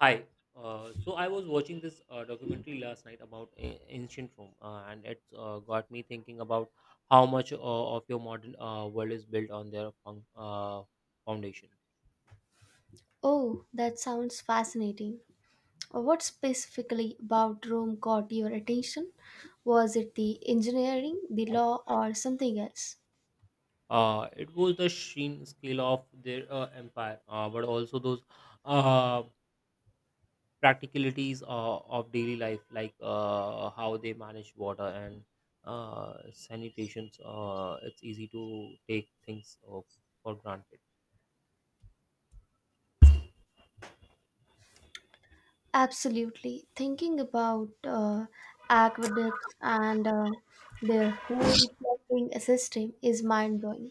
Hi. So I was watching this documentary last night about ancient Rome, and it's got me thinking about how much of your modern world is built on their foundation. Oh, that sounds fascinating. What specifically about Rome caught your attention? Was it the engineering, the law, or something else? It was the sheer scale of their empire, but also those uh, practicalities of daily life, like how they manage water and sanitation. It's easy to take things for granted. Absolutely. Thinking about aqueducts and their whole plumbing system is mind blowing.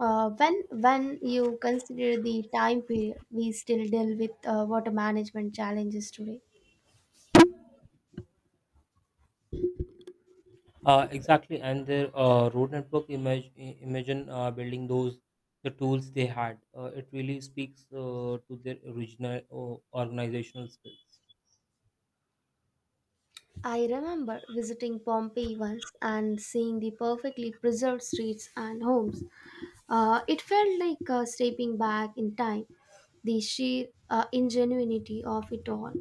When you consider the time period, we still deal with water management challenges today. Exactly, and their road network imagine building those the tools they had. It really speaks to their original organizational skills. I remember visiting Pompeii once and seeing the perfectly preserved streets and homes. It felt like stepping back in time, the sheer ingenuity of it all.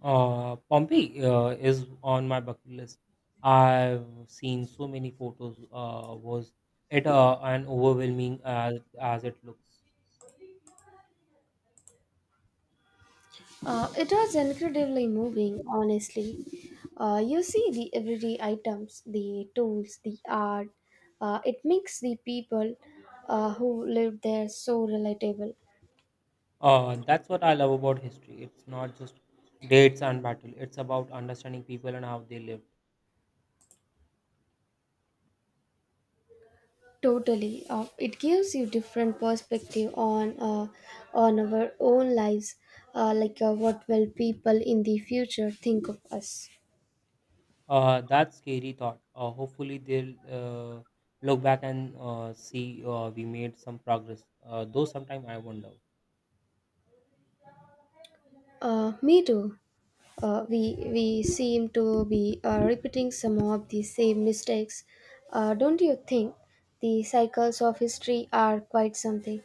Pompeii is on my bucket list. I've seen so many photos. Was it an overwhelming as it looks? It was incredibly moving, honestly. You see the everyday items, the tools, the art. It makes the people who lived there so relatable. That's what I love about history. It's not just dates and battle. It's about understanding people and how they lived. Totally. It gives you different perspective on our own lives, what will people in the future think of us. That's scary thought. Hopefully they'll look back and see we made some progress. Though sometimes I wonder. Me too. We seem to be repeating some of the same mistakes. Don't you think? The cycles of history are quite something.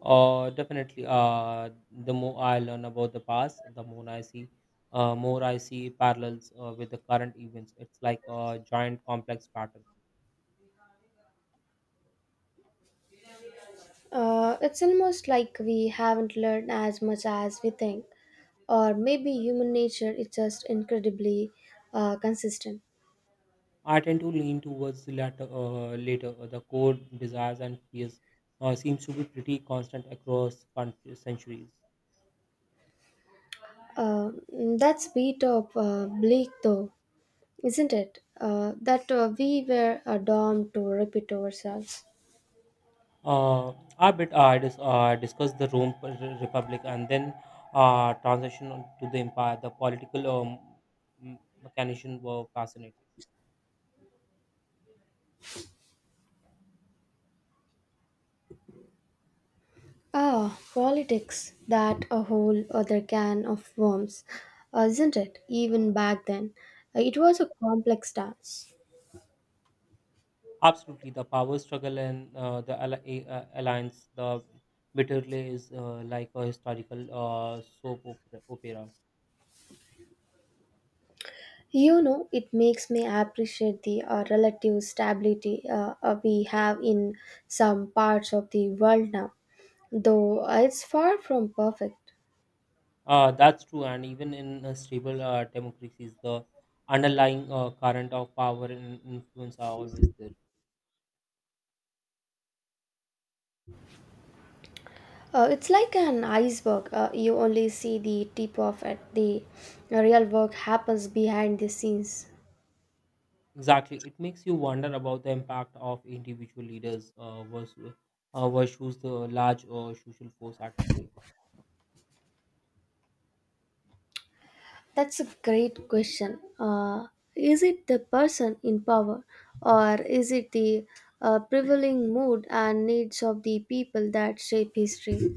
Definitely. The more I learn about the past, the more I see parallels with the current events. It's like a giant complex pattern. It's almost like we haven't learned as much as we think, or maybe human nature is just incredibly consistent. I tend to lean towards the latter. The core desires and fears seems to be pretty constant across countries, centuries. Uh, that's a bit of bleak, though, isn't it? That we were doomed to repeat ourselves. Uh, a bit I discussed the Republic and then transition on to the empire. The political m- mechanism were fascinating. Ah, politics, that a whole other can of worms, isn't it? Even back then, it was a complex dance. Absolutely, the power struggle and the alliance, the bitterly is like a historical soap opera. You know, it makes me appreciate the relative stability we have in some parts of the world now, though it's far from perfect. That's true, and even in stable democracies, the underlying current of power and influence are always there. It's like an iceberg. You only see the tip of it. The real work happens behind the scenes. Exactly. It makes you wonder about the impact of individual leaders versus the large social force at play. That's a great question. Is it the person in power, or is it the prevailing mood and needs of the people that shape history?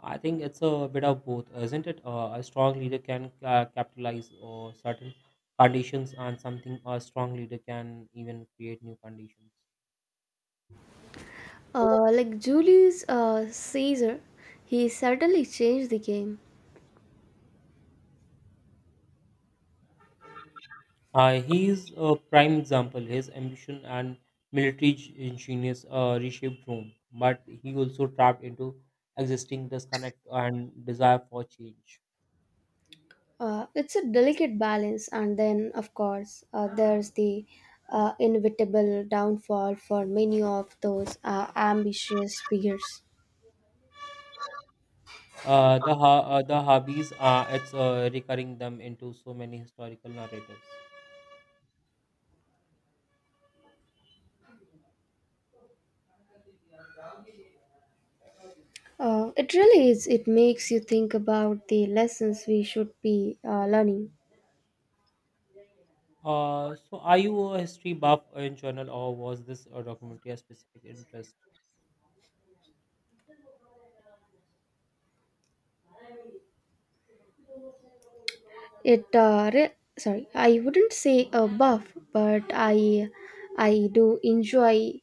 I think it's a bit of both, isn't it? A strong leader can capitalize certain conditions, and something a strong leader can even create new conditions. Like Julius Caesar, he certainly changed the game. He is a prime example. His ambition and genius reshaped Rome, but he also tapped into existing disconnect and desire for change. It's a delicate balance, and then, of course, there's the inevitable downfall for many of those ambitious figures. The hobbies it's recurring them into so many historical narratives. It really is. It makes you think about the lessons we should be learning. So are you a history buff in general, or was this a documentary a specific interest? It uh, re- Sorry, I wouldn't say a buff, but I do enjoy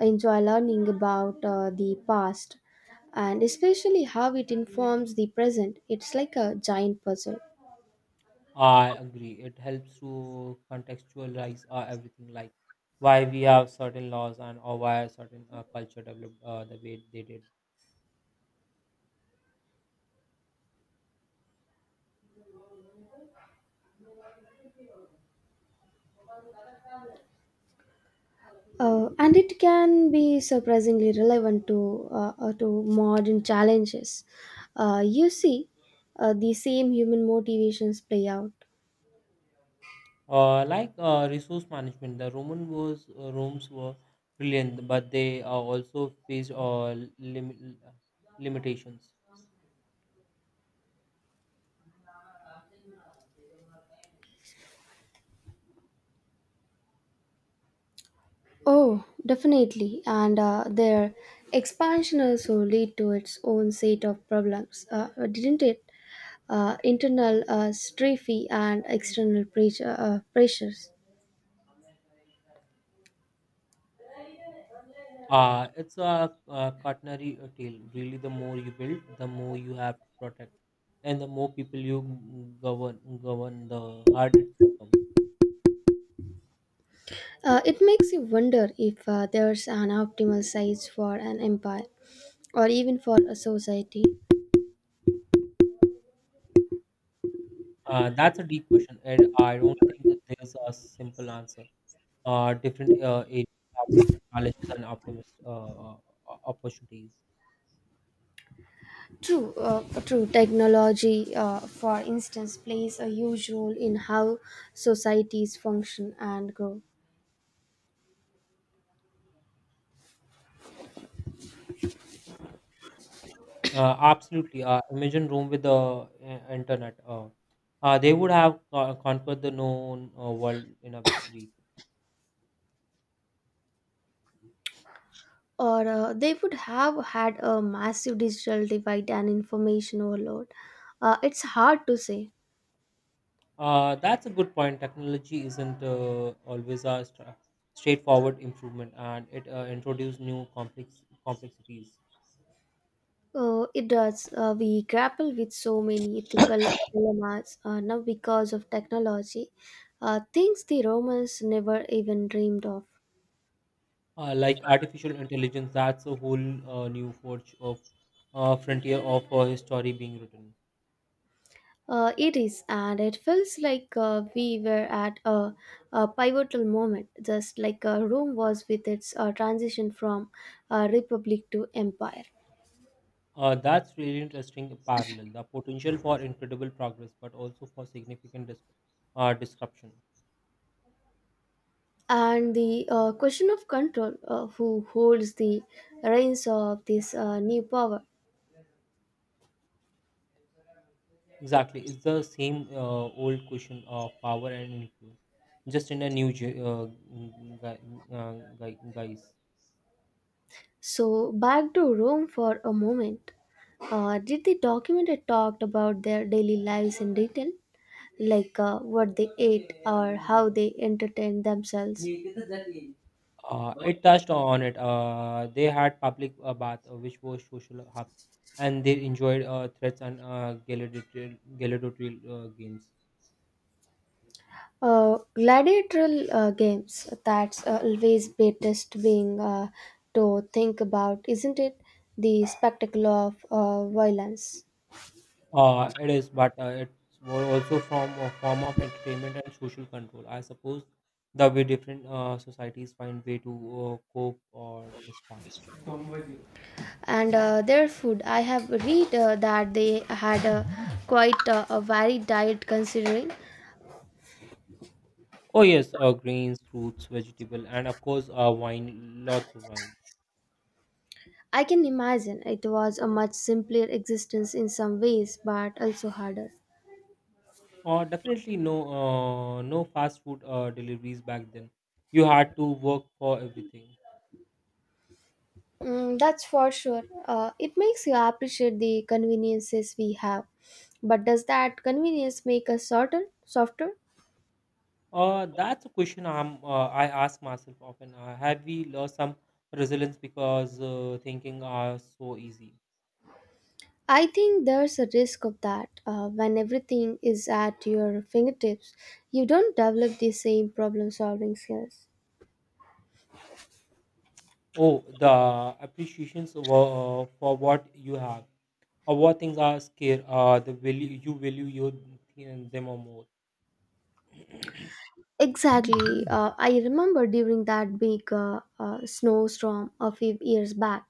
enjoy learning about the past and especially how it informs the present. It's like a giant puzzle. I agree. It helps to contextualize everything, like why we have certain laws and or why a certain culture developed the way they did. And it can be surprisingly relevant to modern challenges. You see, the same human motivations play out. Like resource management, the Roman was Rome's were brilliant, but they also faced lim- uh, limitations. Oh, definitely, and their expansion also lead to its own set of problems, didn't it? Internal strophe and external pressure, pressures. It's a, cautionary tale. Really, the more you build, the more you have to protect, and the more people you govern, the hard it becomes. It makes you wonder if there's an optimal size for an empire, or even for a society. That's a deep question, and I don't think there's a simple answer. Different areas have different challenges and optimist opportunities. True, true. Technology, for instance, plays a huge role in how societies function and grow. Absolutely. Imagine Rome with the internet. They would have conquered the known world in a week. Or they would have had a massive digital divide and information overload. It's hard to say. That's a good point. Technology isn't always a straightforward improvement, and it introduces new complexities, It does. We grapple with so many ethical dilemmas now because of technology, things the Romans never even dreamed of. Like artificial intelligence. That's a whole new forge of frontier of history being written. It is, and it feels like we were at a pivotal moment, just like Rome was with its transition from republic to empire. That's really interesting parallel. The potential for incredible progress, but also for significant disruption. And the question of control, who holds the reins of this new power. Exactly, it's the same old question of power and influence, just in a new mm, gui- uh, guise. So, back to Rome for a moment. Did the document talked about their daily lives in detail, like what they ate or how they entertained themselves. It touched on it. They had public bath, which was social hub, and they enjoyed threats and gladiatorial games. Gladiatorial games, that's always baddest being to think about, isn't it? The spectacle of violence. It is, but it was also from a form of entertainment and social control. I suppose the way different societies find way to cope or distract. And their food, I have read that they had quite a varied diet considering. Oh yes, grains, fruits, vegetable, and of course, wine. Lots of wine. I can imagine it was a much simpler existence in some ways, but also harder. Definitely no, no fast food deliveries back then. You had to work for everything. Mm, that's for sure. It makes you appreciate the conveniences we have. But does that convenience make us softer? That's a question I ask myself often. Have we lost some resilience because thinking are so easy? I think there's a risk of that. When everything is at your fingertips, you don't develop the same problem-solving skills. Oh, the appreciations of, for what you have, or what things are scarce. The value you value your them or more. Exactly. I remember during that big snowstorm a few years back,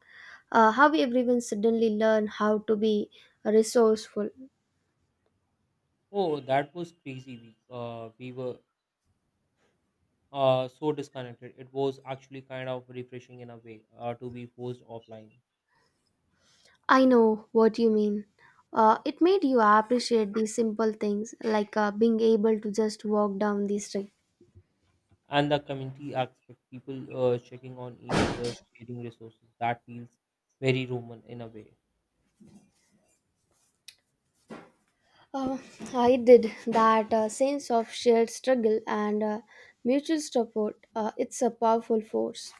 how everyone suddenly learned how to be resourceful. Oh, that was crazy week. We were so disconnected. It was actually kind of refreshing in a way to be forced offline. I know what you mean. It made you appreciate these simple things like being able to just walk down the street. And the community aspect, people checking on each other, sharing resources, that feels very Roman in a way. Uh, I did that sense of shared struggle and mutual support. It's a powerful force.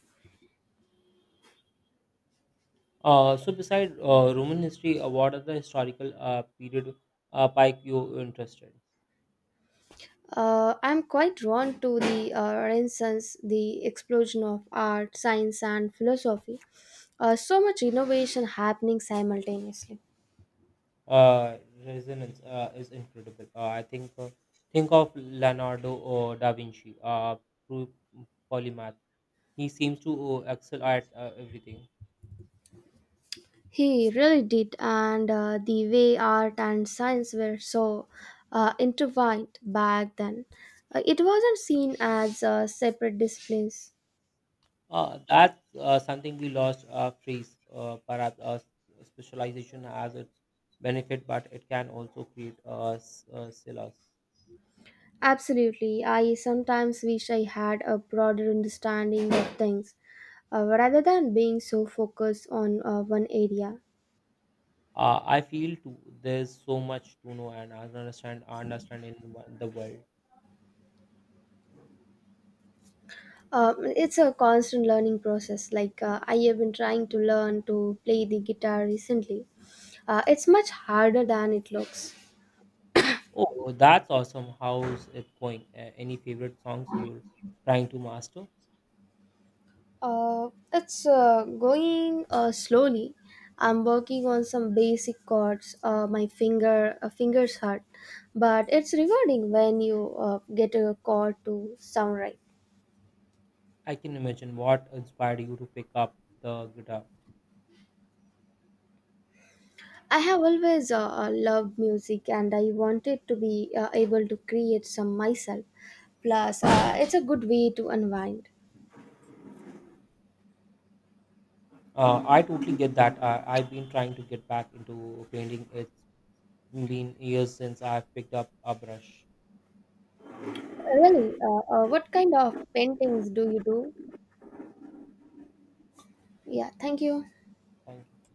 So, beside Roman history, what other historical period pike you interested? I'm quite drawn to the Renaissance, the explosion of art, science, and philosophy. So much innovation happening simultaneously. uh, Resonance is incredible. I think of Leonardo da Vinci, true polymath. He seems to excel at everything. He really did, and the way art and science were so intertwined back then, it wasn't seen as separate disciplines. That's something we lost phrase. Perhaps specialization has its benefit, but it can also create silos. Absolutely, I sometimes wish I had a broader understanding of things rather than being so focused on one area. I feel too. There's so much to know and understand in the world. It's a constant learning process. Like I have been trying to learn to play the guitar recently. It's much harder than it looks. Oh, that's awesome. How's it going? Any favorite songs you're trying to master? It's going slowly. I'm working on some basic chords. My fingers hurt, but it's rewarding when you get a chord to sound right. I can imagine what inspired you to pick up the guitar. I have always loved music, and I wanted to be able to create some myself. Plus, it's a good way to unwind. I totally get that. I've been trying to get back into painting. It's been years since I've picked up a brush. Really, what kind of paintings do you do? Yeah, thank you. Thank you.